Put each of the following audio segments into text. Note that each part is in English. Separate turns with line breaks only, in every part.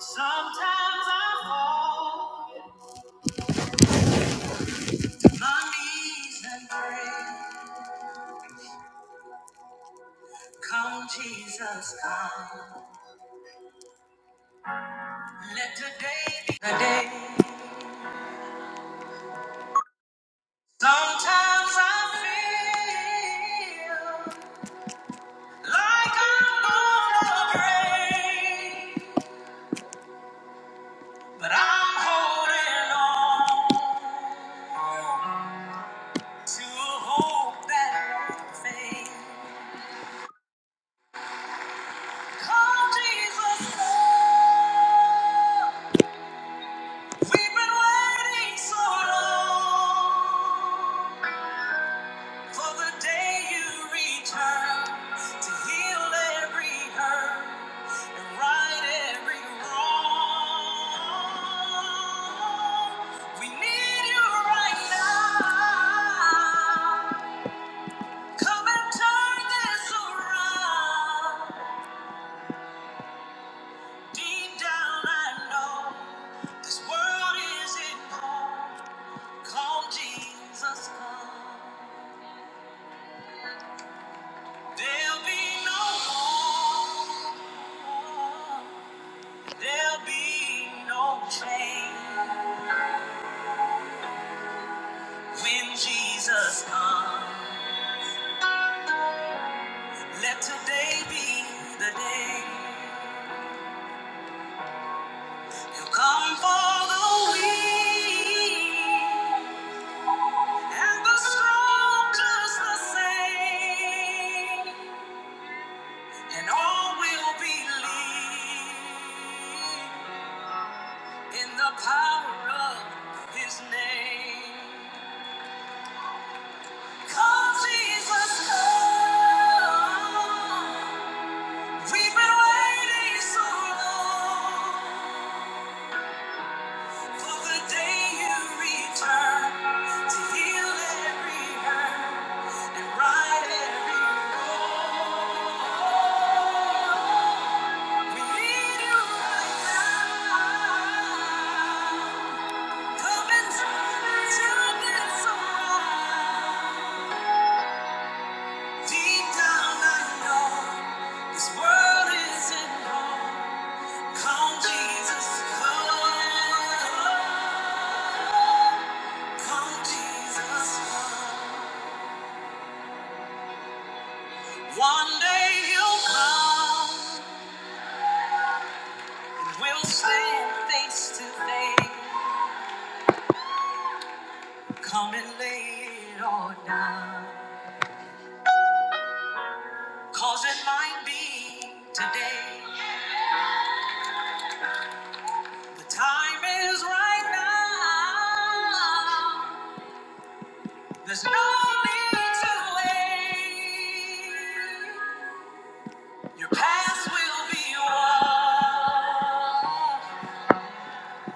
Sometimes I fall on my knees and pray. Come, Jesus, come. Let today be the day. Sometimes I feel like I'm gonna break, but I'm holding on to a hope that won't fade. Come, Jesus, come. We've been waiting so long for the day you return to heal every hurt and right every wrong. We need you right now. Come and turn this around. Deep down, I know this world isn't home. Come, Jesus, come. There'll be no more. There'll be no change when Jesus comes. Let today be the day. He'll come for the weak and the strong just the same. And all will believe in the power of his name. Come, Jesus, come. We've been waiting so long for the day you return to heal every hurt and right every wrong. We need you right now. Come and turn this Deep down, I know this world isn't home. Come, Jesus, come. Come, Jesus, come. One day he'll come, and we'll stand face to face. Come and lay it all down. Cause it might be today, The time is right now. There's no need to wait. Your past will be washed.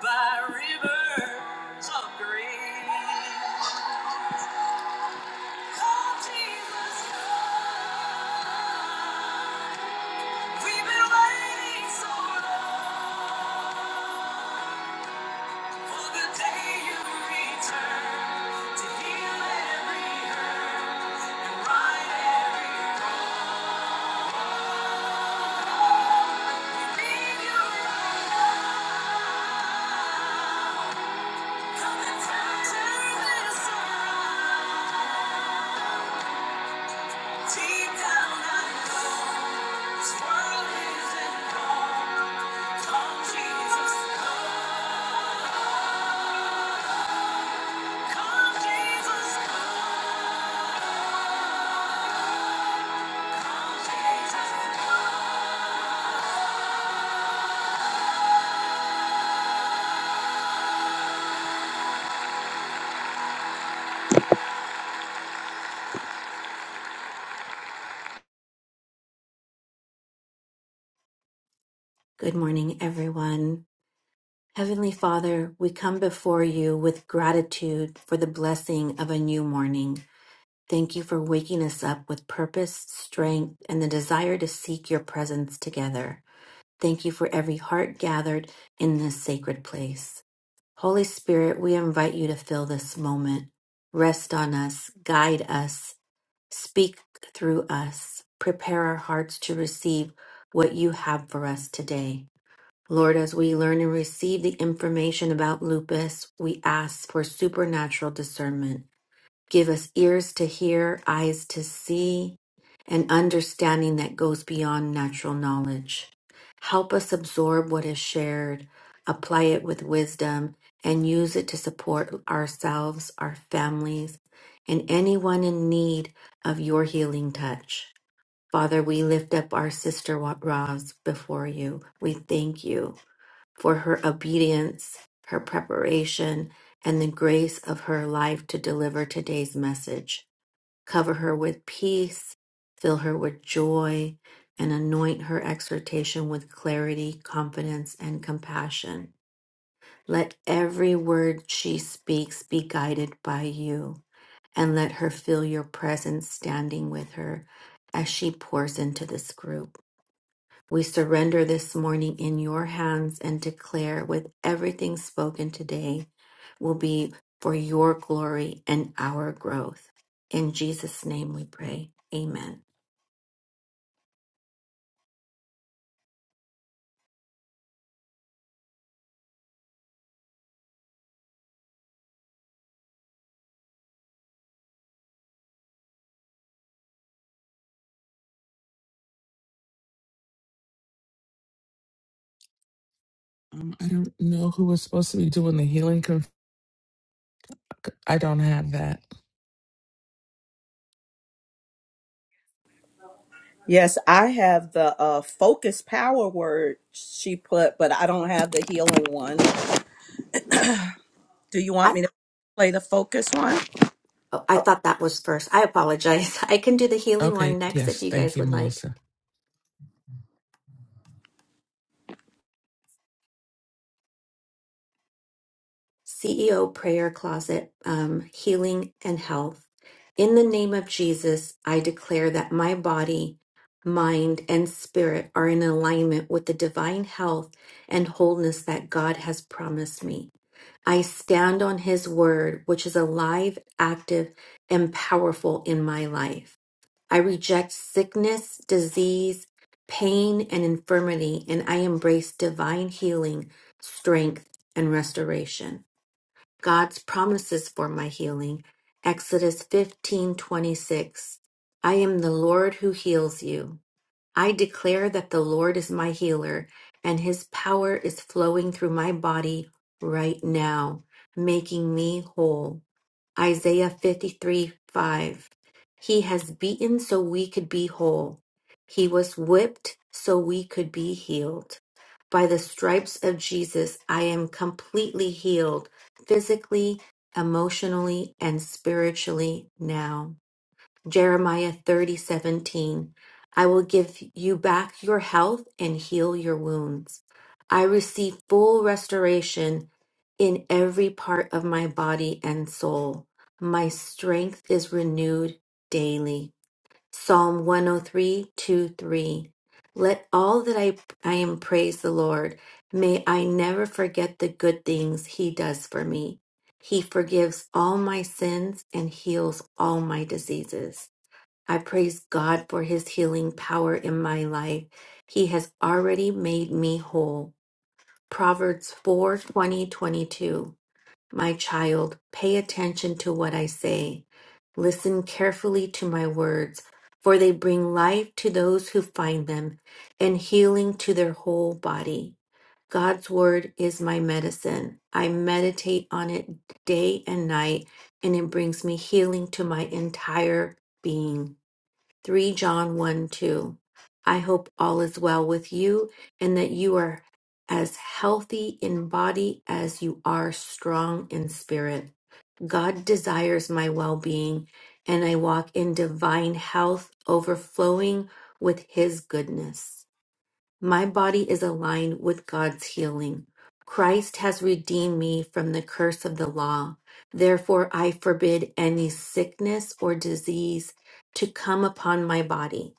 by rivers of green. Call Jesus, come. We've been waiting so long for the day you return to heal every hurt and right every wrong. Leave your light, come and turn this around. Deep down I know this world isn't wrong. Come, Jesus, come.
Good morning, everyone. Heavenly Father, we come before you with gratitude for the blessing of a new morning. Thank you for waking us up with purpose, strength, and the desire to seek your presence together. Thank you for every heart gathered in this sacred place. Holy Spirit, we invite you to fill this moment. Rest on us, guide us, speak through us, prepare our hearts to receive what you have for us today. Lord, as we learn and receive the information about lupus, we ask for supernatural discernment. Give us ears to hear, eyes to see, and understanding that goes beyond natural knowledge. Help us absorb what is shared, apply it with wisdom, and use it to support ourselves, our families, and anyone in need of your healing touch. Father, we lift up our sister Roz before you. We thank you for her obedience, her preparation, and the grace of her life to deliver today's message. Cover her with peace, fill her with joy, and anoint her exhortation with clarity, confidence, and compassion. Let every word she speaks be guided by you, and let her feel your presence standing with her as she pours into this group. We surrender this morning in your hands and declare with everything spoken today will be for your glory and our growth. In Jesus' name we pray. Amen.
Um, I don't know who was supposed to be doing the healing. Conf- I don't have that.
Yes, I have the uh, focus power word she put, but I don't have the healing one. Do you want
I,
me to play the focus one?
oh, I thought that was first. I apologize. I can do the healing one
Okay.
next if
Yes.
you
Thank
guys
you,
would like.
Melissa.
CEO prayer closet, um, healing and health. In the name of Jesus, I declare that my body, mind, and spirit are in alignment with the divine health and wholeness that God has promised me. I stand on his word, which is alive, active, and powerful in my life. I reject sickness, disease, pain, and infirmity, and I embrace divine healing, strength, and restoration. God's promises for my healing. Exodus 15:26. I am the Lord who heals you. I declare that the Lord is my healer and his power is flowing through my body right now, making me whole. Isaiah 53 5. He has beaten so we could be whole. He was whipped so we could be healed. By the stripes of Jesus, I am completely healed physically, emotionally, and spiritually now. Jeremiah thirty seventeen, I will give you back your health and heal your wounds. I receive full restoration in every part of my body and soul. My strength is renewed daily. Psalm one o three two three, Let all that I, I am praise the Lord. May I never forget the good things He does for me. He forgives all my sins and heals all my diseases. I praise God for his healing power in my life. He has already made me whole. Proverbs 4 20 22. My child, pay attention to what I say. Listen carefully to my words, for they bring life to those who find them and healing to their whole body. God's word is my medicine. I meditate on it day and night, and it brings me healing to my entire being. 3 John 1 2. I hope all is well with you and that you are as healthy in body as you are strong in spirit. God desires my well being, and I walk in divine health, overflowing with His goodness. My body is aligned with God's healing. Christ has redeemed me from the curse of the law. Therefore, I forbid any sickness or disease to come upon my body.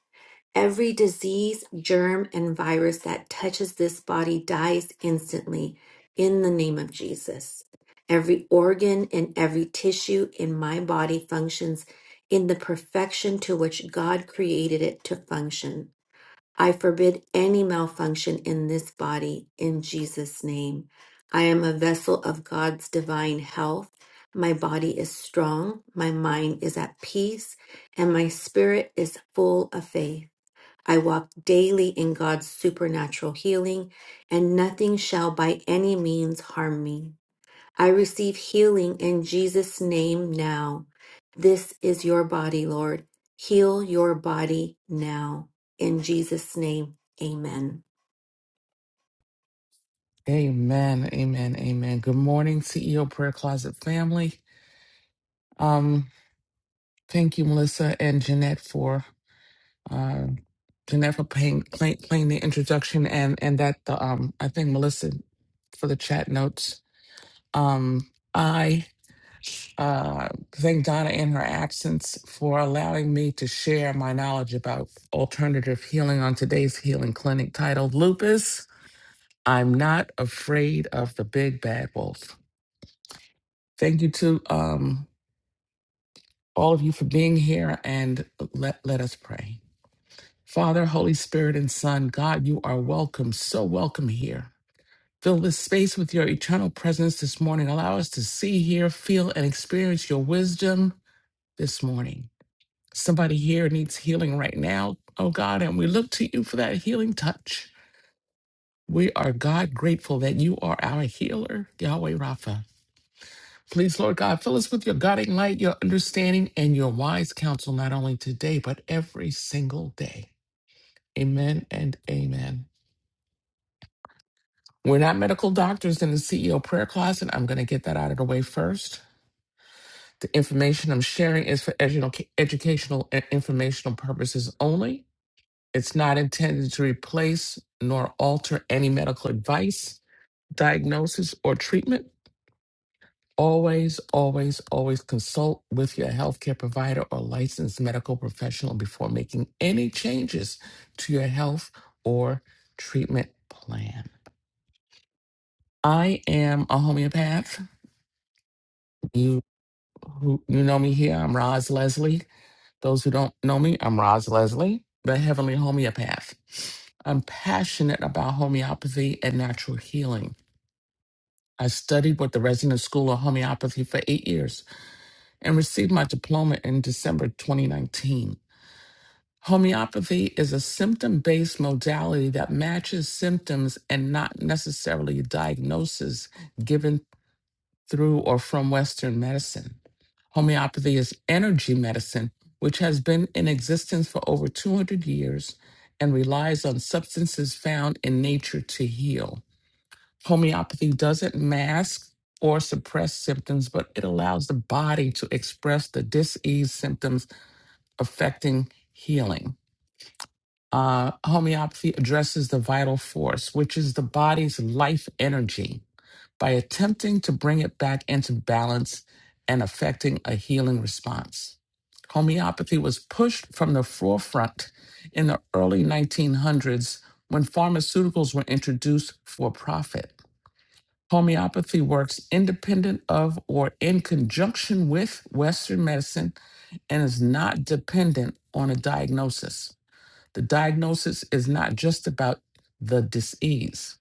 Every disease, germ, and virus that touches this body dies instantly in the name of Jesus. Every organ and every tissue in my body functions in the perfection to which God created it to function. I forbid any malfunction in this body in Jesus' name. I am a vessel of God's divine health. My body is strong, my mind is at peace, and my spirit is full of faith. I walk daily in God's supernatural healing, and nothing shall by any means harm me. I receive healing in Jesus' name now. This is your body, Lord. Heal your body now. In Jesus' name, amen.
Amen. Amen. Amen. Good morning, CEO Prayer Closet family. Um, thank you, Melissa and Jeanette for uh, Jeanette for playing, playing, playing the introduction and and that the um I think Melissa for the chat notes. Um, Uh, thank Donna in her absence for allowing me to share my knowledge about alternative healing on today's healing clinic titled Lupus. I'm not afraid of the big bad wolf. Thank you to um, all of you for being here and let, let us pray. Father, Holy Spirit, and Son, God, you are welcome, so welcome here. Fill this space with your eternal presence this morning. Allow us to see, hear, feel, and experience your wisdom this morning. Somebody here needs healing right now, oh God, and we look to you for that healing touch. We are, God, grateful that you are our healer, Yahweh Rapha. Please, Lord God, fill us with your guiding light, your understanding, and your wise counsel, not only today, but every single day. Amen and amen. We're not medical doctors in the CEO prayer closet. I'm going to get that out of the way first. The information I'm sharing is for educa- educational and informational purposes only. It's not intended to replace nor alter any medical advice, diagnosis, or treatment. Always, always, always consult with your healthcare provider or licensed medical professional before making any changes to your health or treatment plan. I am a homeopath. You who you know me here. I'm Roz Leslie. Those who don't know me, I'm Roz Leslie, the Heavenly Homeopath. I'm passionate about homeopathy and natural healing. I studied with the Resident School of Homeopathy for eight years and received my diploma in December 2019. Homeopathy is a symptom based modality that matches symptoms and not necessarily diagnosis given through or from Western medicine. Homeopathy is energy medicine, which has been in existence for over 200 years and relies on substances found in nature to heal. Homeopathy doesn't mask or suppress symptoms, but it allows the body to express the disease symptoms affecting healing. Uh, homeopathy addresses the vital force, which is the body's life energy by attempting to bring it back into balance and affecting a healing response. Homeopathy was pushed from the forefront in the early 1900s when pharmaceuticals were introduced for profit. Homeopathy works independent of or in conjunction with Western medicine and is not dependent on a diagnosis. The diagnosis is not just about the disease.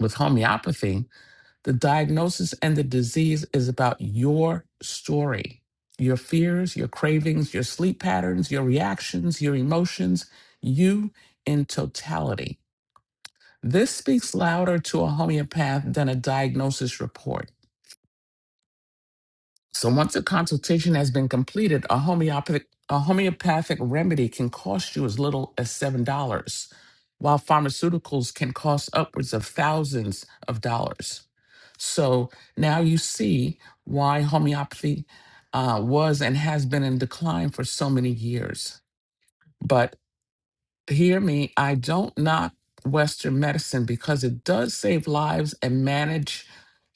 With homeopathy, the diagnosis and the disease is about your story, your fears, your cravings, your sleep patterns, your reactions, your emotions, you in totality. This speaks louder to a homeopath than a diagnosis report. So once a consultation has been completed, a homeopathic a homeopathic remedy can cost you as little as seven dollars, while pharmaceuticals can cost upwards of thousands of dollars. So now you see why homeopathy uh, was and has been in decline for so many years. But hear me, I don't knock Western medicine because it does save lives and manage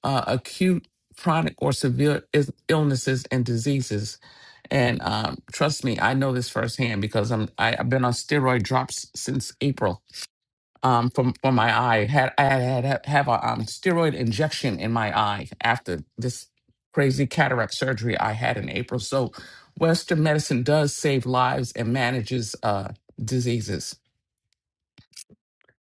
uh, acute, chronic, or severe is- illnesses and diseases. And um, trust me, I know this firsthand because I'm I, I've been on steroid drops since April. Um, from for my eye, had I had had- have a um, steroid injection in my eye after this crazy cataract surgery I had in April. So, Western medicine does save lives and manages uh, diseases.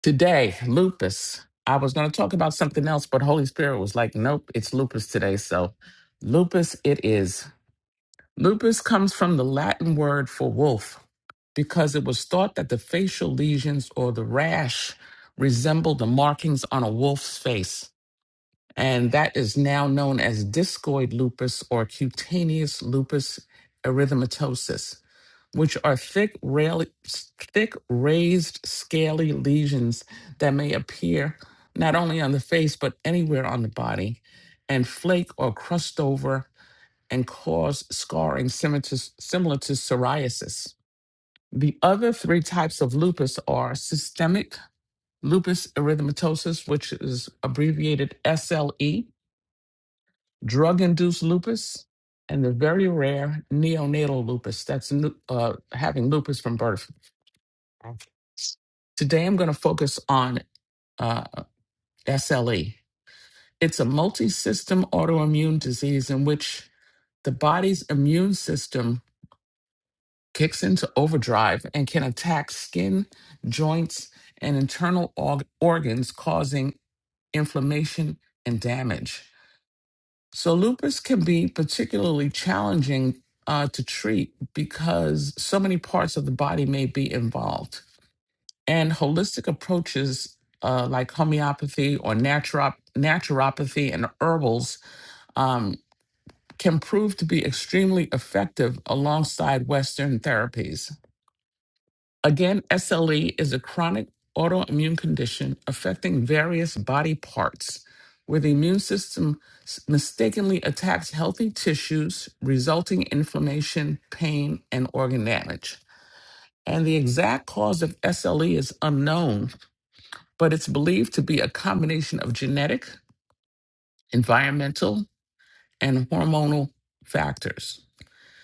Today, lupus. I was going to talk about something else, but Holy Spirit was like, nope, it's lupus today. So, lupus it is. Lupus comes from the Latin word for wolf because it was thought that the facial lesions or the rash resembled the markings on a wolf's face. And that is now known as discoid lupus or cutaneous lupus erythematosus which are thick, rail, thick raised, scaly lesions that may appear not only on the face but anywhere on the body, and flake or crust over and cause scarring similar to, similar to psoriasis. The other three types of lupus are systemic lupus erythematosus, which is abbreviated SLE, drug induced lupus, and the very rare neonatal lupus that's uh, having lupus from birth. Today, I'm going to focus on uh, SLE. It's a multi system autoimmune disease in which the body's immune system kicks into overdrive and can attack skin, joints, and internal org- organs, causing inflammation and damage. So, lupus can be particularly challenging uh, to treat because so many parts of the body may be involved. And holistic approaches uh, like homeopathy or naturop- naturopathy and herbals um, can prove to be extremely effective alongside Western therapies. Again, SLE is a chronic autoimmune condition affecting various body parts where the immune system s- mistakenly attacks healthy tissues, resulting in inflammation, pain, and organ damage. And the exact cause of SLE is unknown, but it's believed to be a combination of genetic, environmental, and hormonal factors.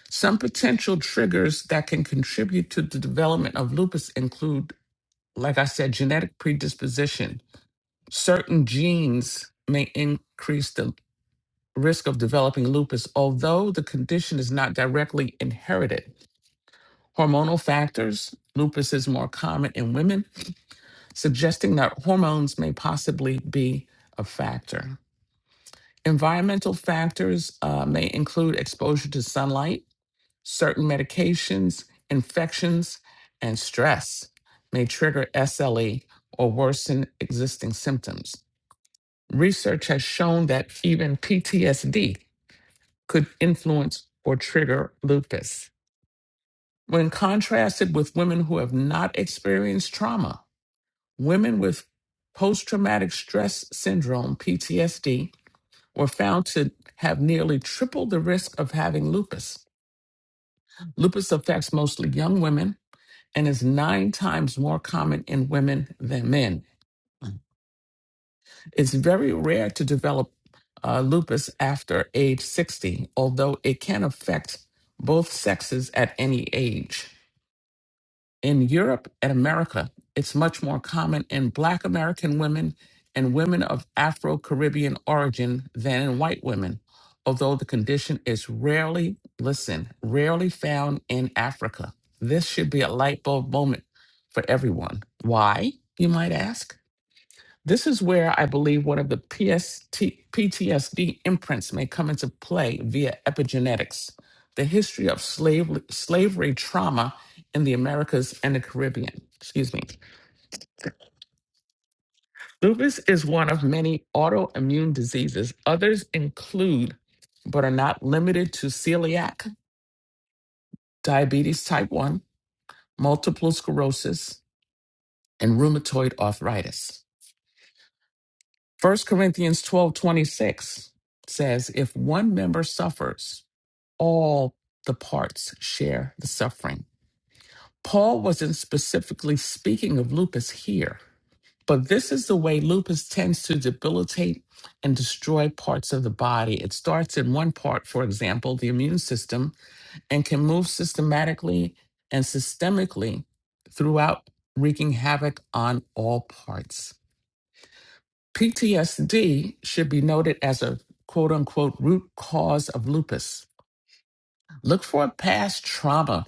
Some potential triggers that can contribute to the development of lupus include, like I said, genetic predisposition. Certain genes may increase the risk of developing lupus, although the condition is not directly inherited. Hormonal factors, lupus is more common in women, suggesting that hormones may possibly be a factor Environmental factors uh, may include exposure to sunlight, certain medications, infections, and stress may trigger SLE or worsen existing symptoms. Research has shown that even PTSD could influence or trigger lupus. When contrasted with women who have not experienced trauma, women with post traumatic stress syndrome, PTSD, were found to have nearly triple the risk of having lupus. Lupus affects mostly young women and is nine times more common in women than men. It's very rare to develop uh, lupus after age 60, although it can affect both sexes at any age. In Europe and America, it's much more common in Black American women and women of Afro Caribbean origin than in white women, although the condition is rarely, listen, rarely found in Africa. This should be a light bulb moment for everyone. Why, you might ask? This is where I believe one of the PST, PTSD imprints may come into play via epigenetics, the history of slavery, slavery trauma in the Americas and the Caribbean. Excuse me. Lupus is one of many autoimmune diseases. Others include, but are not limited to, celiac, diabetes type 1, multiple sclerosis, and rheumatoid arthritis. First Corinthians 12 26 says, If one member suffers, all the parts share the suffering. Paul wasn't specifically speaking of lupus here, but this is the way lupus tends to debilitate and destroy parts of the body. It starts in one part, for example, the immune system, and can move systematically and systemically throughout, wreaking havoc on all parts. PTSD should be noted as a quote unquote root cause of lupus. Look for a past trauma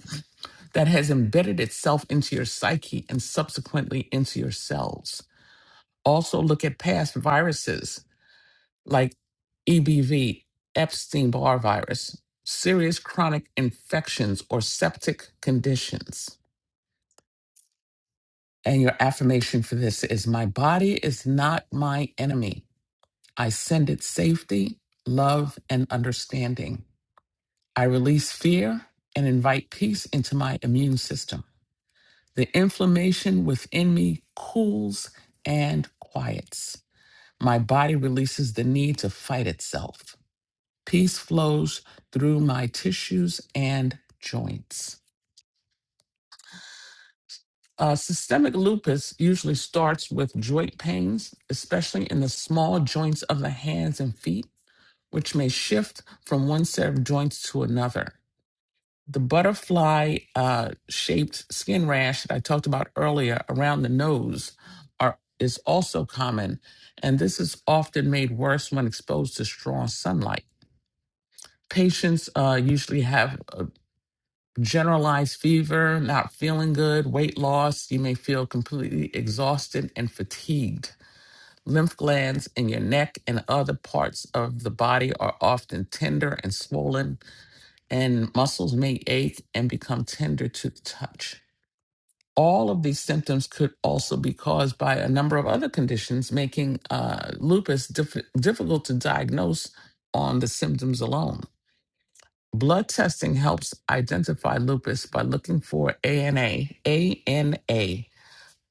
that has embedded itself into your psyche and subsequently into your cells. Also, look at past viruses like EBV, Epstein Barr virus, serious chronic infections, or septic conditions. And your affirmation for this is My body is not my enemy. I send it safety, love, and understanding. I release fear and invite peace into my immune system. The inflammation within me cools and quiets. My body releases the need to fight itself. Peace flows through my tissues and joints. Uh, systemic lupus usually starts with joint pains, especially in the small joints of the hands and feet, which may shift from one set of joints to another. the butterfly uh, shaped skin rash that I talked about earlier around the nose are is also common, and this is often made worse when exposed to strong sunlight. Patients uh, usually have a generalized fever, not feeling good, weight loss. You may feel completely exhausted and fatigued. Lymph glands in your neck and other parts of the body are often tender and swollen, and muscles may ache and become tender to the touch. all of these symptoms could also be caused by a number of other conditions, making uh, lupus diff- difficult to diagnose on the symptoms alone. Blood testing helps identify lupus by looking for ANA. ANA.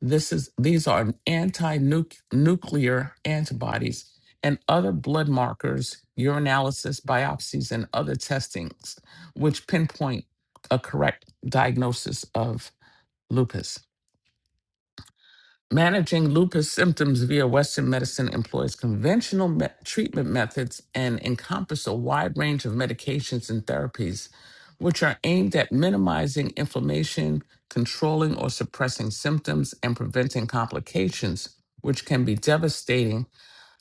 This is these are anti-nuclear antibodies and other blood markers, urinalysis, biopsies, and other testings, which pinpoint a correct diagnosis of lupus. Managing lupus symptoms via Western medicine employs conventional me- treatment methods and encompass a wide range of medications and therapies, which are aimed at minimizing inflammation, controlling or suppressing symptoms, and preventing complications, which can be devastating.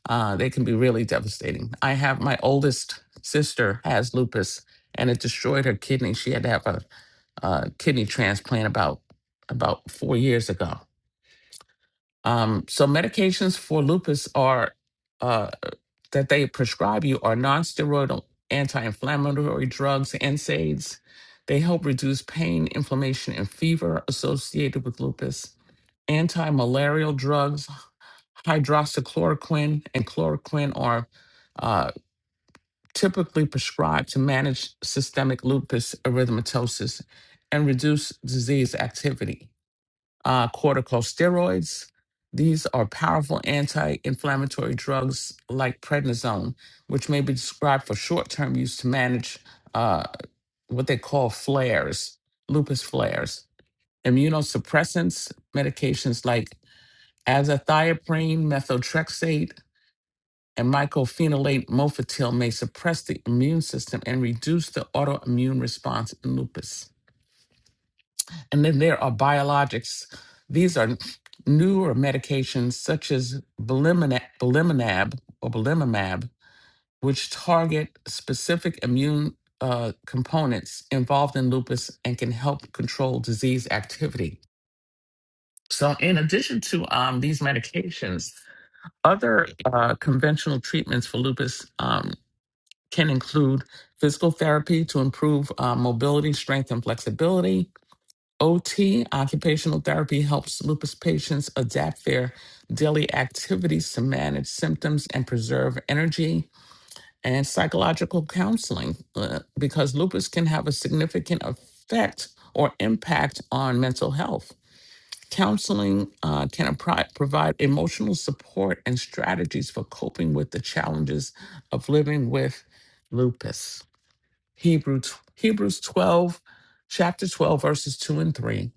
Uh, they can be really devastating. I have my oldest sister has lupus, and it destroyed her kidney. She had to have a, uh kidney transplant about about four years ago um, so medications for lupus are uh, that they prescribe you are nonsteroidal anti-inflammatory drugs, NSAIDs. They help reduce pain, inflammation, and fever associated with lupus. Anti-malarial drugs, hydroxychloroquine and chloroquine, are uh, typically prescribed to manage systemic lupus erythematosus and reduce disease activity uh, corticosteroids. These are powerful anti inflammatory drugs like prednisone, which may be described for short term use to manage uh, what they call flares, lupus flares. Immunosuppressants, medications like azathioprine, methotrexate, and mycophenolate mofetil may suppress the immune system and reduce the autoimmune response in lupus. And then there are biologics. These are newer medications such as belimina- belimumab or belimumab, which target specific immune uh, components involved in lupus and can help control disease activity. So, in addition to um, these medications, other uh, conventional treatments for lupus um, can include physical therapy to improve uh, mobility, strength, and flexibility, OT, occupational therapy, helps lupus patients adapt their daily activities to manage symptoms and preserve energy, and psychological counseling, uh, because lupus can have a significant effect or impact on mental health. Counseling uh, can appri- provide emotional support and strategies for coping with the challenges of living with lupus. Hebrew, Hebrews 12, chapter 12, verses 2 and 3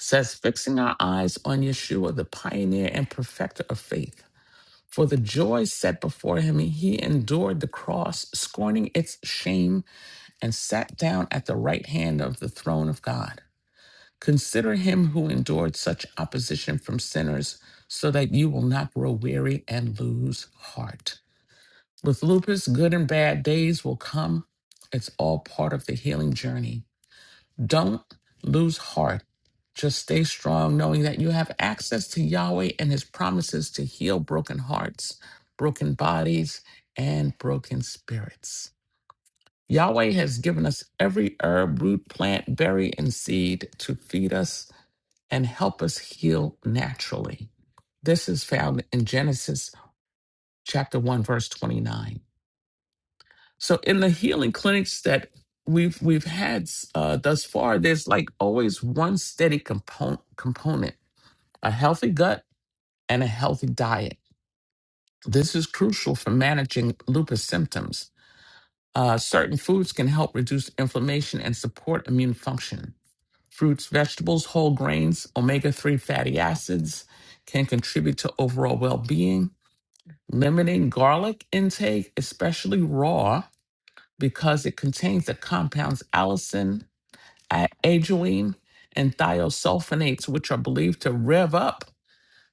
says, fixing our eyes on Yeshua, the pioneer and perfecter of faith. For the joy set before him, he endured the cross, scorning its shame, and sat down at the right hand of the throne of God. Consider him who endured such opposition from sinners, so that you will not grow weary and lose heart. With lupus, good and bad days will come. It's all part of the healing journey. Don't lose heart. Just stay strong, knowing that you have access to Yahweh and His promises to heal broken hearts, broken bodies, and broken spirits. Yahweh has given us every herb, root, plant, berry, and seed to feed us and help us heal naturally. This is found in Genesis chapter 1, verse 29. So in the healing clinics that we've we've had uh, thus far, there's like always one steady component component: a healthy gut and a healthy diet. This is crucial for managing lupus symptoms. Uh, certain foods can help reduce inflammation and support immune function. Fruits, vegetables, whole grains, omega 3 fatty acids can contribute to overall well being. Limiting garlic intake, especially raw, because it contains the compounds allicin, a- ajoin, and thiosulfonates, which are believed to rev up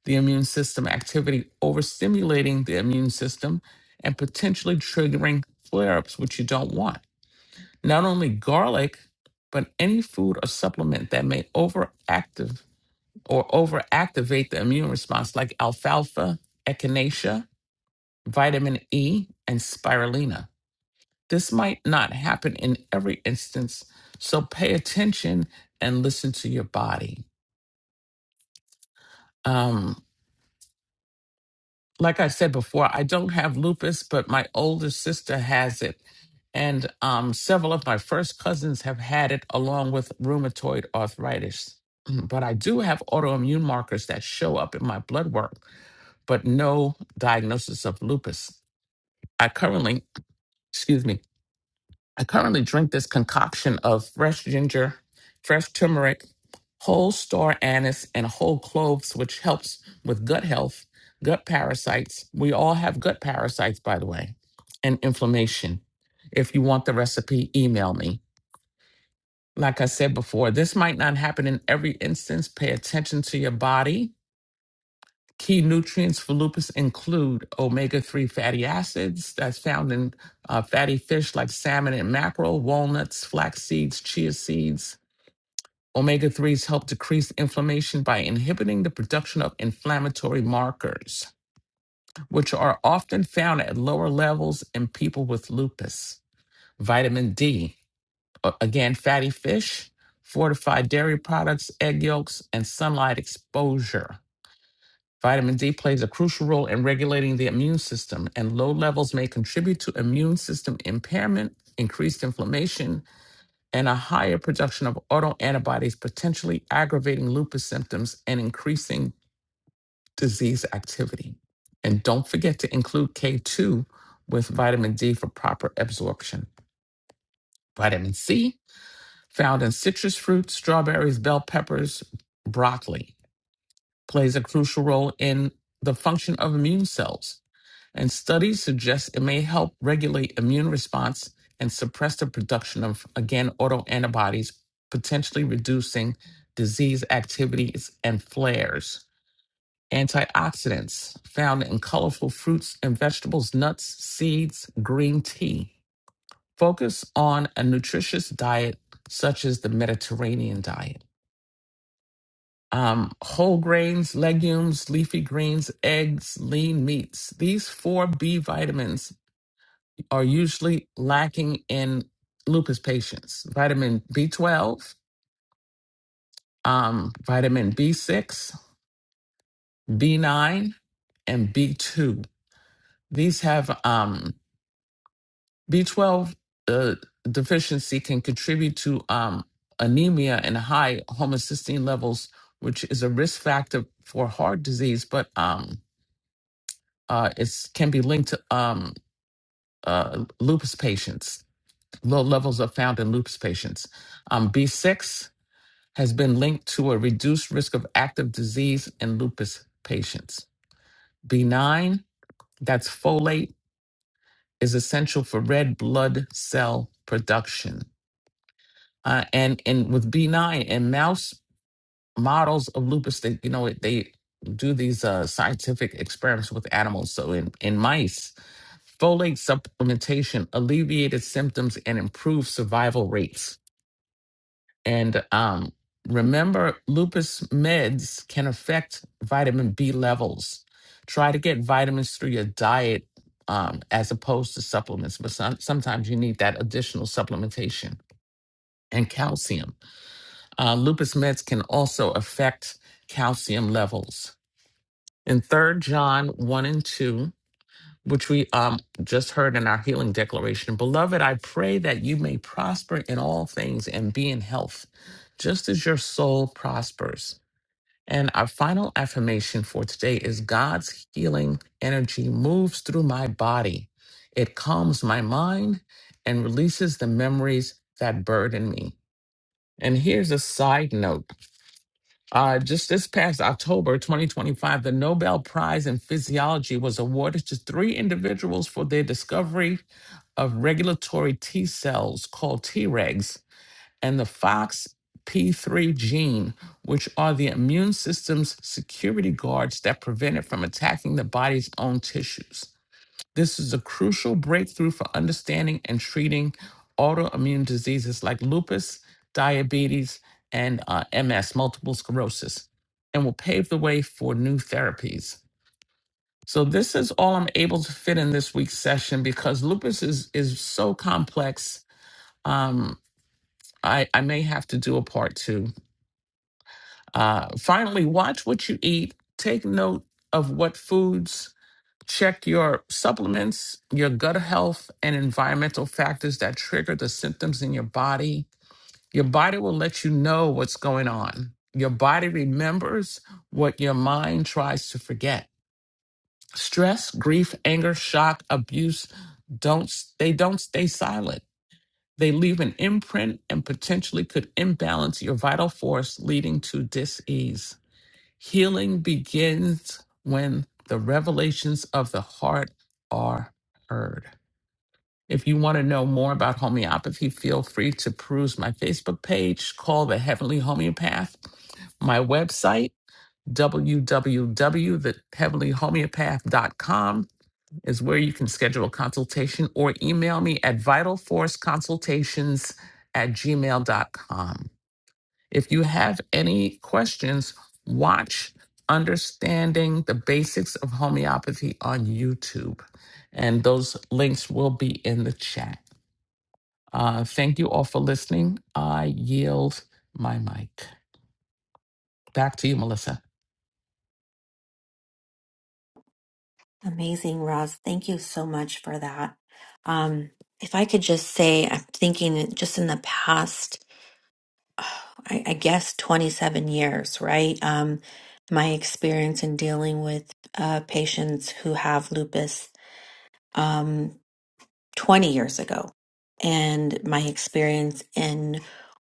the immune system activity, overstimulating the immune system and potentially triggering flare ups, which you don't want. Not only garlic, but any food or supplement that may overactive or overactivate the immune response, like alfalfa, echinacea, vitamin E, and spirulina. This might not happen in every instance, so pay attention and listen to your body. Um, like I said before, I don't have lupus, but my older sister has it. And um, several of my first cousins have had it along with rheumatoid arthritis. Mm, But I do have autoimmune markers that show up in my blood work, but no diagnosis of lupus. I currently, excuse me, I currently drink this concoction of fresh ginger, fresh turmeric, whole star anise, and whole cloves, which helps with gut health, gut parasites. We all have gut parasites, by the way, and inflammation. If you want the recipe, email me. Like I said before, this might not happen in every instance. Pay attention to your body Key nutrients for lupus include omega 3 fatty acids that's found in uh, fatty fish like salmon and mackerel, walnuts, flax seeds, chia seeds. Omega 3s help decrease inflammation by inhibiting the production of inflammatory markers, which are often found at lower levels in people with lupus. Vitamin D, a- again, fatty fish, fortified dairy products, egg yolks, and sunlight exposure. Vitamin D plays a crucial role in regulating the immune system, and low levels may contribute to immune system impairment, increased inflammation, and a higher production of autoantibodies, potentially aggravating lupus symptoms and increasing disease activity. And don't forget to include K2 with vitamin D for proper absorption. Vitamin C, found in citrus fruits, strawberries, bell peppers, broccoli, plays a crucial role in the function of immune cells and studies suggest it may help regulate immune response and suppress the production of again autoantibodies potentially reducing disease activities and flares antioxidants found in colorful fruits and vegetables nuts seeds green tea focus on a nutritious diet such as the mediterranean diet um, whole grains legumes leafy greens eggs lean meats these four b vitamins are usually lacking in lupus patients vitamin B12, um, vitamin B6, B9, and B2. These have um, B12 uh, deficiency can contribute to um, anemia and high homocysteine levels, which is a risk factor for heart disease, but um, uh, it can be linked to um, uh, lupus patients. Low levels are found in lupus patients. Um, B6 has been linked to a reduced risk of active disease in lupus patients. B9, that's folate, is essential for red blood cell production. Uh, and and with B9 and mouse models of lupus, they you know they do these uh, scientific experiments with animals. So in in mice, folate supplementation alleviated symptoms and improved survival rates And um, remember, lupus meds can affect vitamin B levels. Try to get vitamins through your diet um, as opposed to supplements, but some, sometimes you need that additional supplementation and calcium. Uh, lupus meds can also affect calcium levels. In Third John 1 and 2, which we um, just heard in our healing declaration. Beloved, I pray that you may prosper in all things and be in health, just as your soul prospers. And our final affirmation for today is God's healing energy moves through my body. It calms my mind and releases the memories that burden me. And here's a side note. Uh, just this past October 2025, the Nobel Prize in Physiology was awarded to three individuals for their discovery of regulatory T cells called Tregs and the FOXP3 gene, which are the immune system's security guards that prevent it from attacking the body's own tissues. This is a crucial breakthrough for understanding and treating autoimmune diseases like lupus, diabetes, and uh, MS, multiple sclerosis, and will pave the way for new therapies. So, this is all I'm able to fit in this week's session because lupus is, is so complex. Um, I, I may have to do a part two. Uh, finally, watch what you eat, take note of what foods Check your supplements, your gut health, and environmental factors that trigger the symptoms in your body. Your body will let you know what's going on. Your body remembers what your mind tries to forget. Stress, grief, anger, shock, abuse don't they don't stay silent. They leave an imprint and potentially could imbalance your vital force leading to disease. Healing begins when the revelations of the heart are heard. If you want to know more about homeopathy, feel free to peruse my Facebook page called The Heavenly Homeopath, my website, www.theheavenlyhomeopath.com is where you can schedule a consultation or email me at vitalforceconsultations at gmail.com. If you have any questions, watch Understanding the Basics of Homeopathy on YouTube. And those links will be in the chat. Uh, thank you all for listening. I yield my mic. Back to you, Melissa.
Amazing, Roz. Thank you so much for that. Um, if I could just say, I'm thinking that just in the past, oh, I, I guess 27 years, right? Um, my experience in dealing with uh, patients who have lupus. um, 20 years ago and my experience in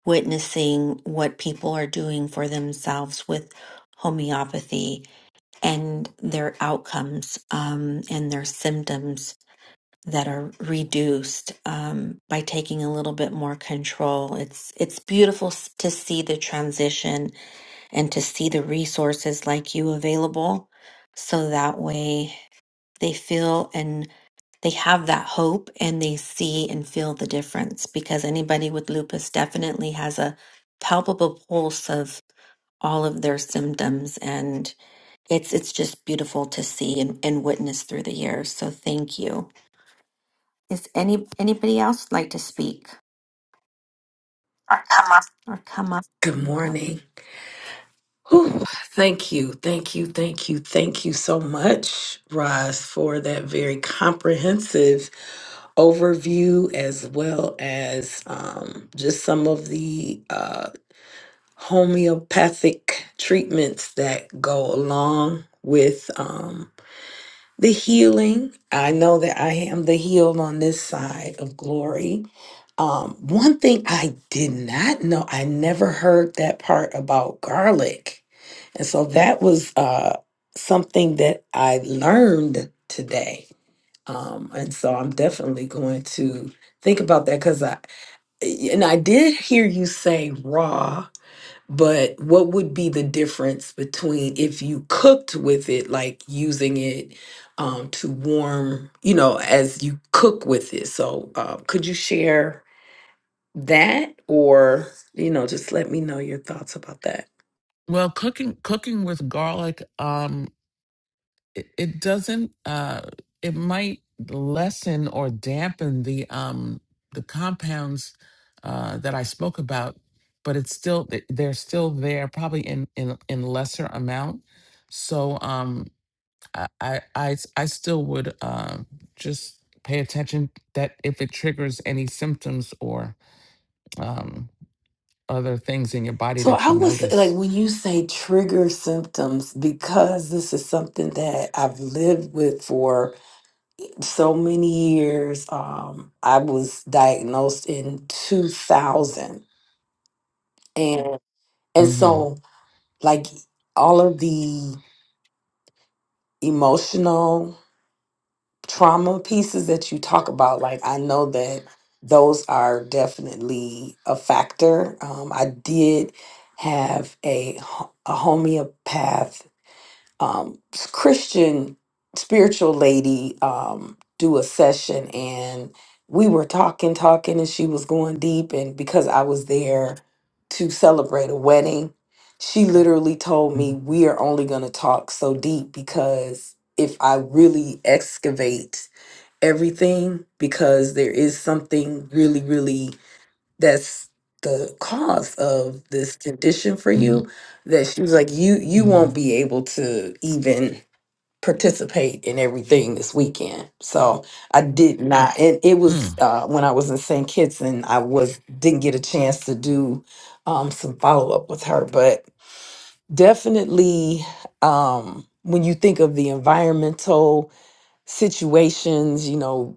witnessing what people are doing for themselves with homeopathy and their outcomes um, and their symptoms that are reduced um, by taking a little bit more control it's it's beautiful s- to see the transition and to see the resources like you available so that way they feel they have that hope and they see and feel the difference because anybody with lupus definitely has a palpable pulse of all of their symptoms and it's it's just beautiful to see and, and witness through the years so thank you is any anybody else like to speak or come up
Good morning. Whew. Thank you, thank you, thank you, thank you so much, Roz, for that very comprehensive overview, as well as um, just some of the uh, homeopathic treatments that go along with um, the healing. I know that I am the healed on this side of glory. Um, one thing I did not know, I never heard that part about garlic. And so that was uh, something that I learned today. Um, and so I'm definitely going to think about that because I, and I did hear you say raw, but what would be the difference between if you cooked with it, like using it um, to warm, you know, as you cook with it? So uh, could you share that or, you know, just let me know your thoughts about that?
Well, cooking cooking with garlic um it, it doesn't uh it might lessen or dampen the um the compounds uh that I spoke about but it's still th- they're still there probably in in in lesser amount so um I I I I still would uh, just pay attention that if it triggers any symptoms or um other things in your body
So
that
I
you
would say,
notice
like, when you say trigger symptoms, because this is something that I've lived with for so many years. Um, I was diagnosed in 2000, and and
mhm
so like all of the emotional trauma pieces that you talk about, like I know that those are definitely a factor. Um, I did have a ho- a homeopath um, Christian spiritual lady um, do a session, and we were talking, talking, and she was going deep. And because I was there to celebrate a wedding, she literally told me,
mhm
We are only going to talk so deep because if I really excavate everything, because there is something really, really that's the cause of this condition for you
mhm
that she was like you you won't
mhm
be able to even participate in everything this weekend so i did not and it
hmm.
was uh when i was in st kitts and i was didn't get a chance to do um some follow-up with her but definitely um when you think of the environmental situations you know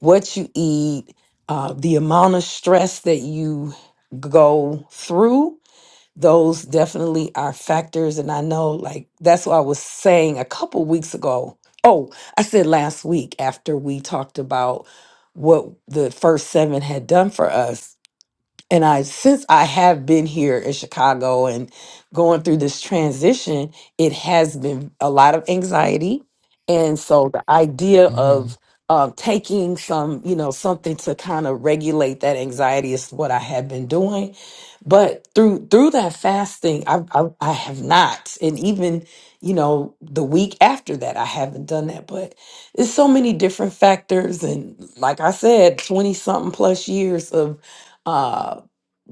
what you eat, uh, the amount of stress that you go through, those definitely are factors. And I know, like, that's what I was saying a couple weeks ago. Oh, I said last week after we talked about what the first seven had done for us and I since I have been here in Chicago and going through this transition, it has been a lot of anxiety, and so the idea
Mm-hmm.
of um, taking some, you know, something to kind of regulate that anxiety is what I have been doing. But through through that fasting, I, I I have not, and even you know the week after that, I haven't done that. But it's so many different factors, and like I said, twenty something plus years of. uh,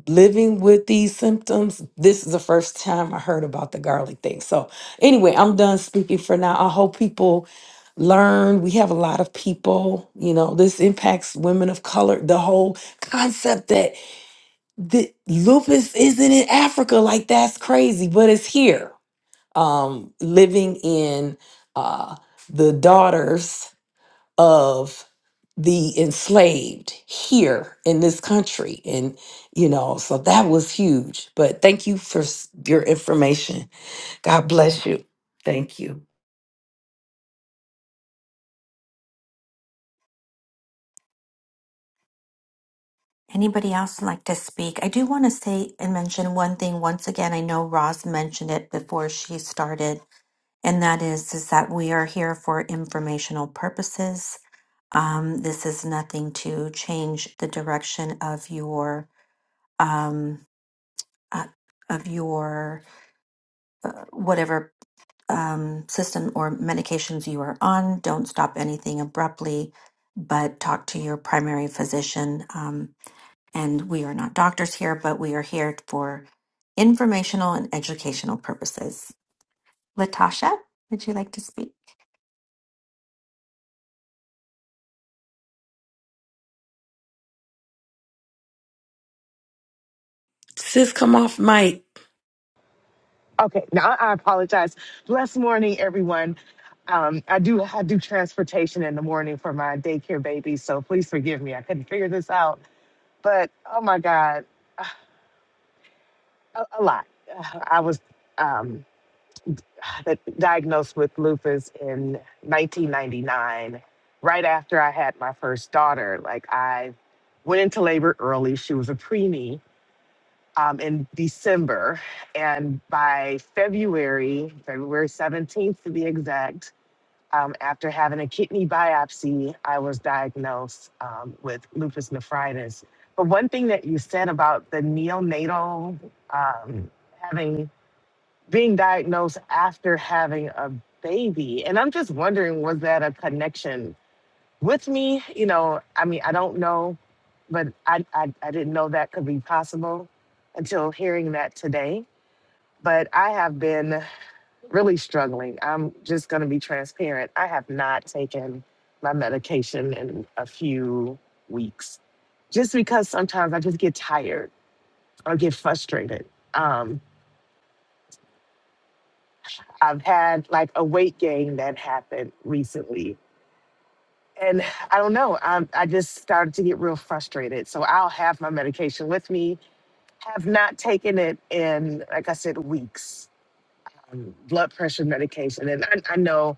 living with these symptoms, this is the first time I heard about the garlic thing. So, anyway, I'm done speaking for now. I hope people learn. We have a lot of people, you know, this impacts women of color. The whole concept that the lupus isn't in Africa, like that's crazy, but it's here. Um, living in uh, the daughters of the enslaved here in this country. And, you know, so that was huge. But thank you for s- your information. God bless you. Thank you.
anybody else like to speak i do want to say and mention one thing once again i know roz mentioned it before she started and that is is that we are here for informational purposes Um, this is nothing to change the direction of your um, uh, of your uh, whatever um, system or medications you are on. Don't stop anything abruptly, but talk to your primary physician. Um, and we are not doctors here, but we are here for informational and educational purposes. Latasha, would you like to speak?
Sis, come off mic.
Okay, now I I apologize. Blessed morning, everyone. Um, I do I do transportation in the morning for my daycare baby, so please forgive me. I couldn't figure this out, but oh my God, a, a lot. Uh, I was um, diagnosed with lupus in 1999, right after I had my first daughter. Like I went into labor early. She was a preemie um, in December, and by February, February 17th to be exact Um, after having a kidney biopsy, I was diagnosed um, with lupus nephritis. But one thing that you said about the neonatal um, having being diagnosed after having a baby, and I'm just wondering, was that a connection with me? You know, I mean, I don't know, but I I, I didn't know that could be possible until hearing that today. But I have been really struggling. I'm just going to be transparent. I have not taken my medication in a few weeks just because sometimes I just get tired or get frustrated. Um, I've had like a weight gain that happened recently. And I don't know, I'm, I just started to get real frustrated. So I'll have my medication with me, have not taken it in, like I said, weeks. Um, blood pressure medication. And I, I know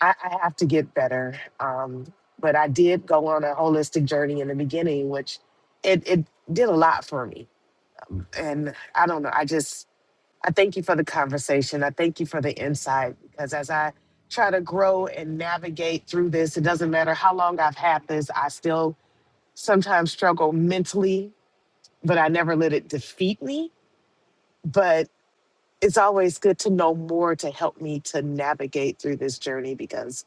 I, I have to get better. Um, but I did go on a holistic journey in the beginning, which it, it did a lot for me. And I don't know, I just, I thank you for the conversation. I thank you for the insight because as I try to grow and navigate through this, it doesn't matter how long I've had this, I still sometimes struggle mentally, but I never let it defeat me. But it's always good to know more to help me to navigate through this journey because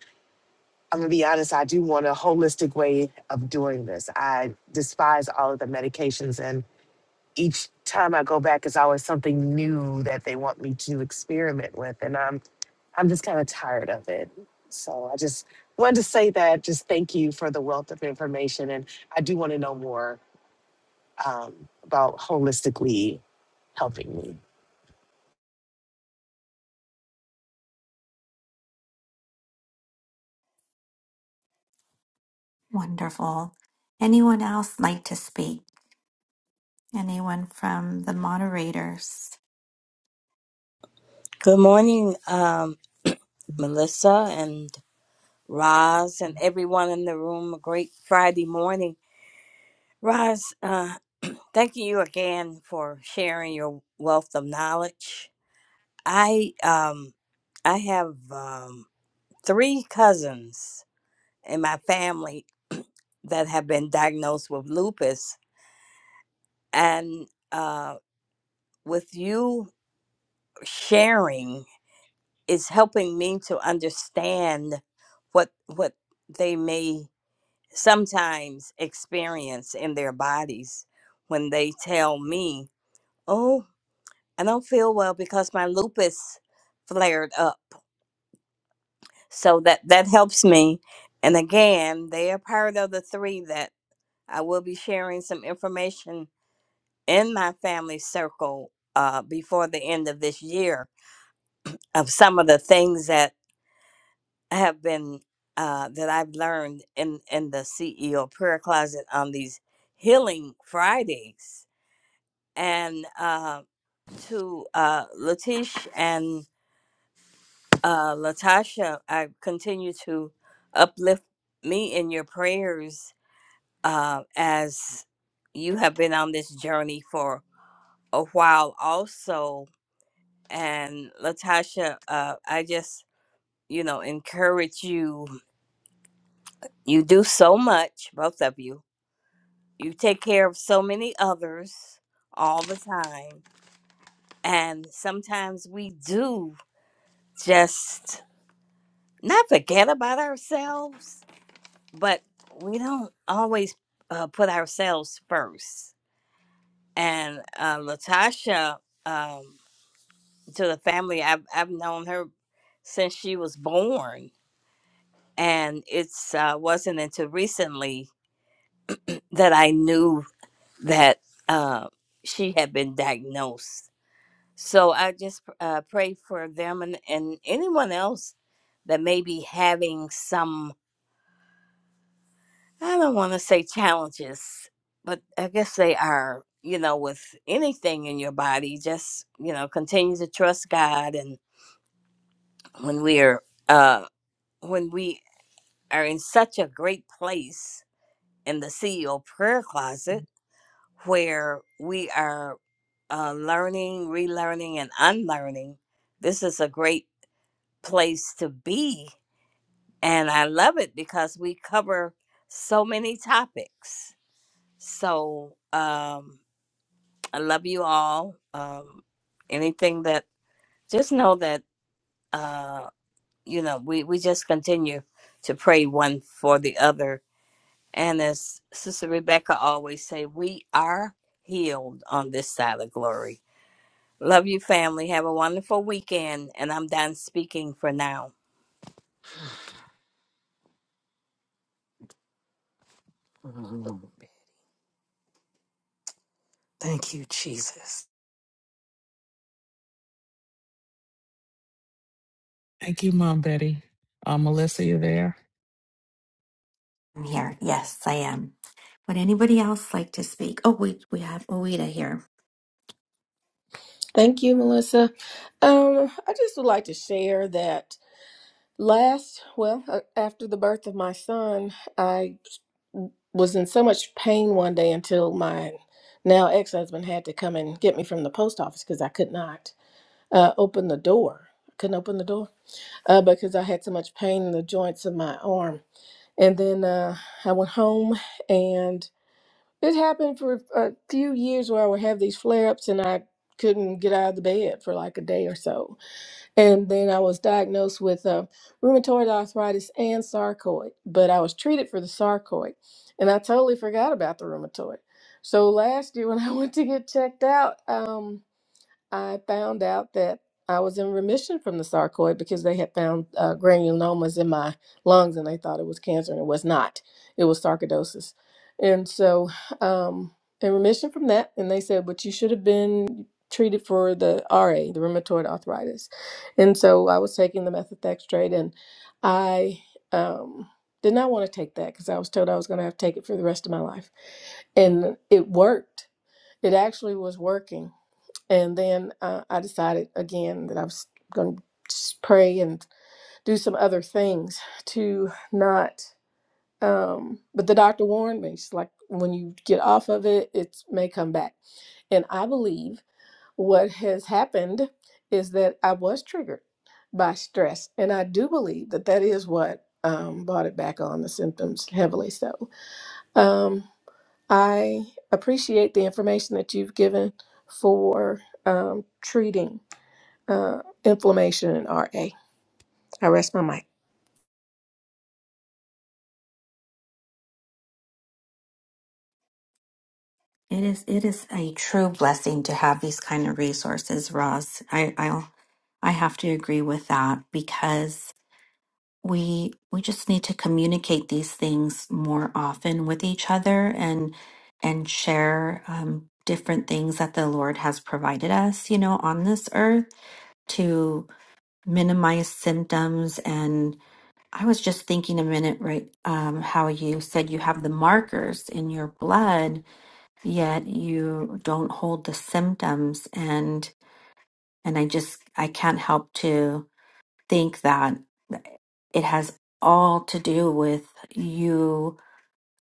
I'm gonna be honest, I do want a holistic way of doing this. I despise all of the medications, and each time I go back, it's always something new that they want me to experiment with, and I'm I'm just kind of tired of it. So I just wanted to say that. Just thank you for the wealth of information, and I do want to know more um, about holistically helping me.
Wonderful. Anyone else like to speak? Anyone from the moderators?
Good morning, um, Melissa and Roz and everyone in the room. A great Friday morning. Roz, uh, thank you again for sharing your wealth of knowledge. I um, I have um, three cousins in my family that have been diagnosed with lupus, and uh, with you sharing is helping me to understand what what they may sometimes experience in their bodies when they tell me, "Oh, I don't feel well because my lupus flared up." So that that helps me. And again, they are part of the three that I will be sharing some information in my family circle uh, before the end of this year of some of the things that have been uh, that I've learned in in the CEO prayer closet on these healing Fridays and uh, to uh, Latish and uh, Latasha, I continue to uplift me in your prayers uh, as you have been on this journey for a while, also. And Latasha, uh, I just, you know, encourage you. You do so much, both of you. You take care of so many others all the time. And sometimes we do just not forget about ourselves, but we don't always uh, put ourselves first. And uh, Latasha, um, to the family, I've, I've known her since she was born. And it's uh, wasn't until recently that I knew that uh, she had been diagnosed. So I just uh, pray for them and, and anyone else that may be having some I don't want to say challenges, but I guess they are, you know, with anything in your body, just, you know, continue to trust God. And when we are, uh, when we are in such a great place in the CEO prayer closet where we are uh, learning, relearning, and unlearning, this is a great place to be. And I love it because we cover so many topics. So, um, I love you all. Um, anything that just know that uh, you know we we just continue to pray one for the other, and as Sister Rebecca always say, we are healed on this side of glory. Love you, family. Have a wonderful weekend, and I'm done speaking for now.
Mm, Thank you, Jesus.
Thank you, Mom Betty. Uh, Melissa, you there?
I'm here. Yes, I am. Would anybody else like to speak? Oh, we we have Oida here.
Thank you, Melissa. Um, I just would like to share that last, well, uh, after the birth of my son, I was in so much pain one day until my now ex husband had to come and get me from the post office because I could not uh, open the door. I couldn't open the door uh, because I had so much pain in the joints of my arm. And then uh, I went home, and it happened for a few years where I would have these flare ups and I couldn't get out of the bed for like a day or so and then I was diagnosed with um, rheumatoid arthritis and sarcoid, but I was treated for the sarcoid. And I totally forgot about the rheumatoid. So last year when I went to get checked out, um, I found out that I was in remission from the sarcoid because they had found uh, granulomas in my lungs and they thought it was cancer and it was not. It was sarcoidosis. And so, um, in remission from that, and they said, but you should have been treated for the RA, the rheumatoid arthritis. And so I was taking the methotrexate and I um, did not want to take that because I was told I was going to have to take it for the rest of my life. And it worked. It actually was working and then uh, I decided again that I was going to pray and do some other things to not. Um, but the doctor warned me. She's like, when you get off of it, it may come back. And I believe what has happened is that I was triggered by stress. And I do believe that that is what um, brought it back on the symptoms heavily. So um, I appreciate the information that you've given for um, treating uh, inflammation in RA. I rest my mic.
It is it is a true blessing to have these kind of resources, Roz. I I'll, I have to agree with that because we we just need to communicate these things more often with each other and and share um, different things that the Lord has provided us, you know, on this earth to minimize symptoms and. I was just thinking a minute, right? Um, how you said you have the markers in your blood, yet you don't hold the symptoms, and and I just I can't help to think that it has all to do with you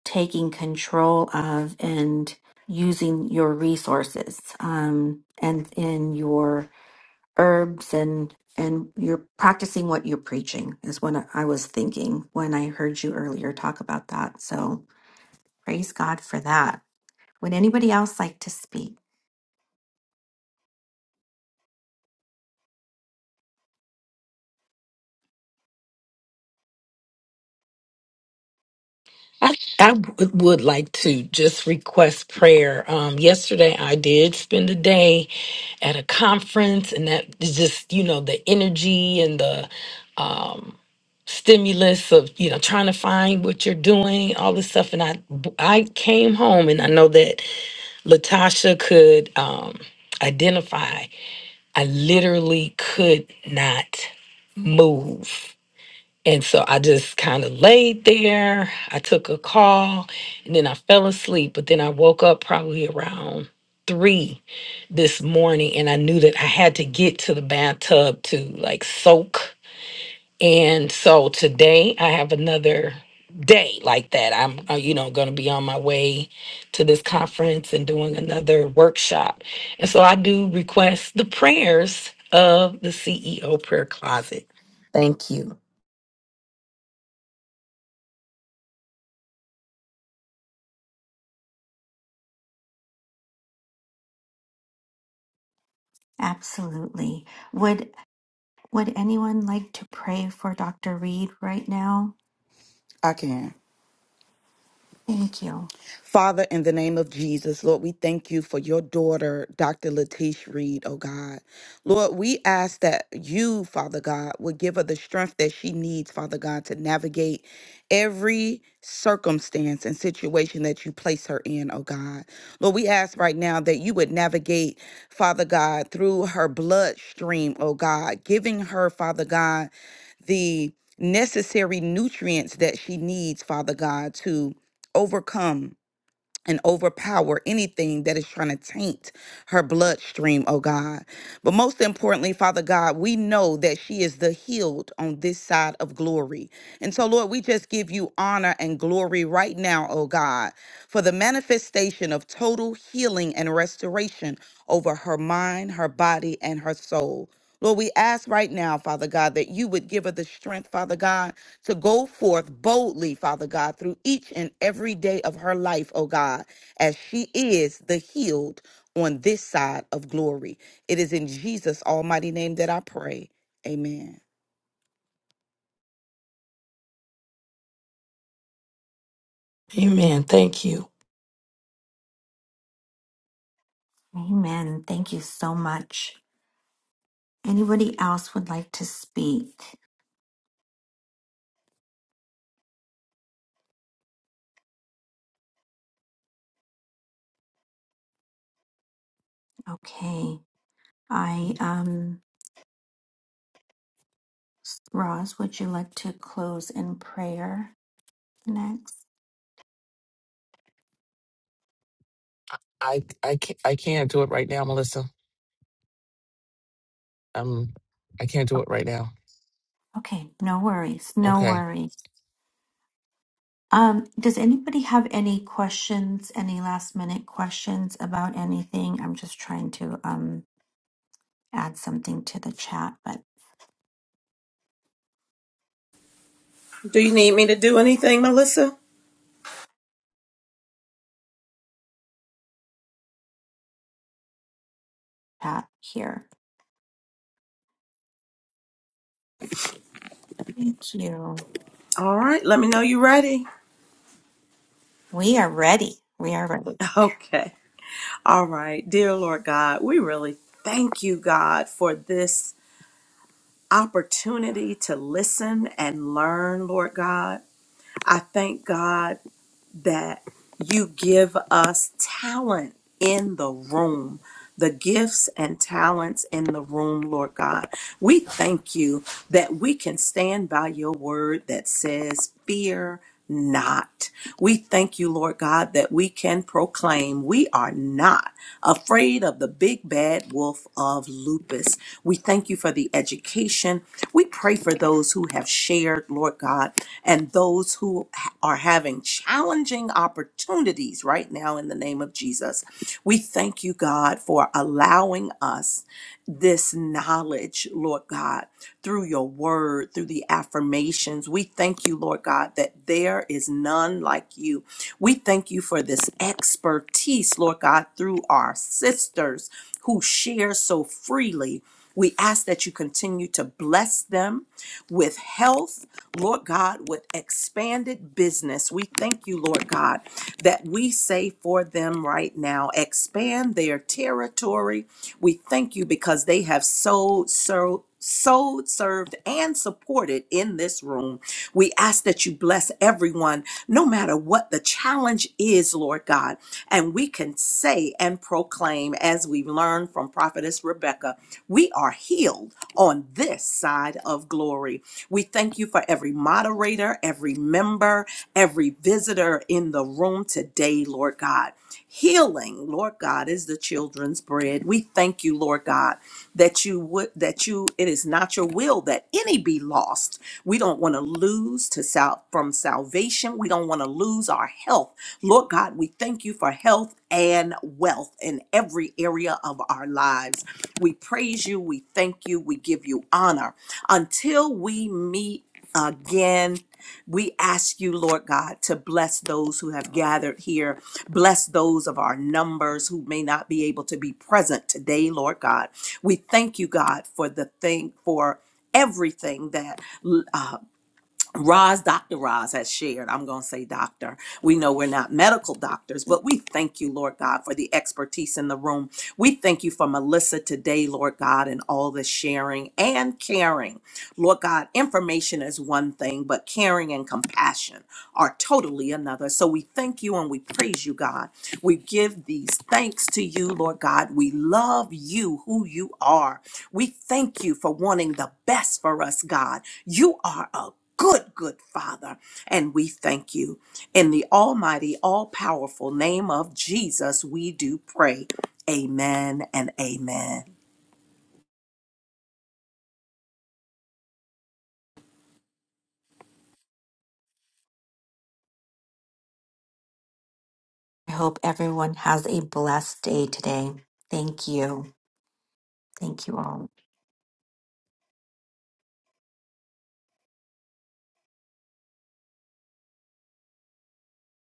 taking control of and using your resources um, and in your herbs and and you're practicing what you're preaching is what I I was thinking when I heard you earlier talk about that. So praise God for that. Would anybody else like to speak?
I, I would would like to just request prayer. Um, yesterday, I did spend a day at a conference, and that is just, you know, the energy and the um, stimulus of you know trying to find what you're doing all this stuff and i i came home and i know that latasha could um identify i literally could not move and so i just kind of laid there i took a call and then i fell asleep but then i woke up probably around three this morning and i knew that i had to get to the bathtub to like soak and so today I have another day like that. I'm, uh, you know, going to be on my way to this conference and doing another workshop. And so I do request the prayers of the CEO prayer closet. Thank you.
Absolutely. Would would anyone like to pray for Dr. Reed right now?
I can.
Thank you.
Father, in the name of Jesus, Lord, we thank you for your daughter, Dr. Latish Reed, oh God. Lord, we ask that you, Father God, would give her the strength that she needs, Father God, to navigate every circumstance and situation that you place her in, oh God. Lord, we ask right now that you would navigate, Father God, through her bloodstream, oh God, giving her, Father God, the necessary nutrients that she needs, Father God, to overcome and overpower anything that is trying to taint her bloodstream, oh God. But most importantly, Father God, we know that she is the healed on this side of glory. And so, Lord, we just give you honor and glory right now, oh God, for the manifestation of total healing and restoration over her mind, her body, and her soul. Lord, we ask right now, Father God, that you would give her the strength, Father God, to go forth boldly, Father God, through each and every day of her life, oh God, as she is the healed on this side of glory. It is in Jesus' almighty name that I pray. Amen.
Amen. Thank you.
Amen. Thank you so much. Anybody else would like to speak? Okay. I um Roz, would you like to close in prayer next?
I I can't I can't do it right now, Melissa. Um, I can't do it right now.
Okay, no worries, no
Okay.
worries. Um, does anybody have any questions, any last minute questions about anything? I'm just trying to um add something to the chat, but
Do you need me to do anything, Melissa?
Pat here. Thank you.
All right, let me know you're ready.
We are ready. We are ready.
Okay. All right, dear Lord God, we really thank you, God, for this opportunity to listen and learn, Lord God. I thank God. that you give us talent in the room, the gifts and talents in the room, Lord God. We thank you that we can stand by your word that says, Fear not. We thank you, Lord God, that we can proclaim we are not afraid of the big bad wolf of lupus. We thank you for the education. We pray for those who have shared, Lord God, and those who ha- are having challenging opportunities right now in the name of Jesus. We thank you, God, for allowing us this knowledge, Lord God, through your word, through the affirmations. We thank you, Lord God, that there is none like you. We thank you for this expertise, Lord God, through our sisters who share so freely. We ask that you continue to bless them with health, Lord God, with expanded business. We thank you, Lord God, that we say for them right now, expand their territory. We thank you because they have so, so sowed, served, and supported in this room. We ask that you bless everyone, no matter what the challenge is, Lord God. And we can say and proclaim, as we've learned from Prophetess Rebecca, we are healed on this side of glory. We thank you for every moderator, every member, every visitor in the room today, Lord God. Healing healing, Lord God, is the children's bread. We thank you, Lord God, that you would that you it is not your will that any be lost. We don't want to lose to sal- from salvation. We don't want to lose our health. Lord God, we thank you for health and wealth in every area of our lives. We praise you, we thank you, we give you honor until we meet again we ask you, Lord God, to bless those who have gathered here. Bless those of our numbers who may not be able to be present today, Lord God. We thank you, God, for the thing, for everything that uh, Roz, Dr. Roz has shared. I'm going to say doctor. We know we're not medical doctors, but we thank you, Lord God, for the expertise in the room. We thank you for Melissa today, Lord God, and all the sharing and caring. Lord God, information is one thing, but caring and compassion are totally another. So we thank you and we praise you, God. We give these thanks to you, Lord God. We love you, who you are. We thank you for wanting the best for us, God. You are a good, good Father, and we thank you. In the almighty, all powerful name of Jesus, we do pray. Amen and amen.
I hope everyone has a blessed day today. Thank you. Thank you all.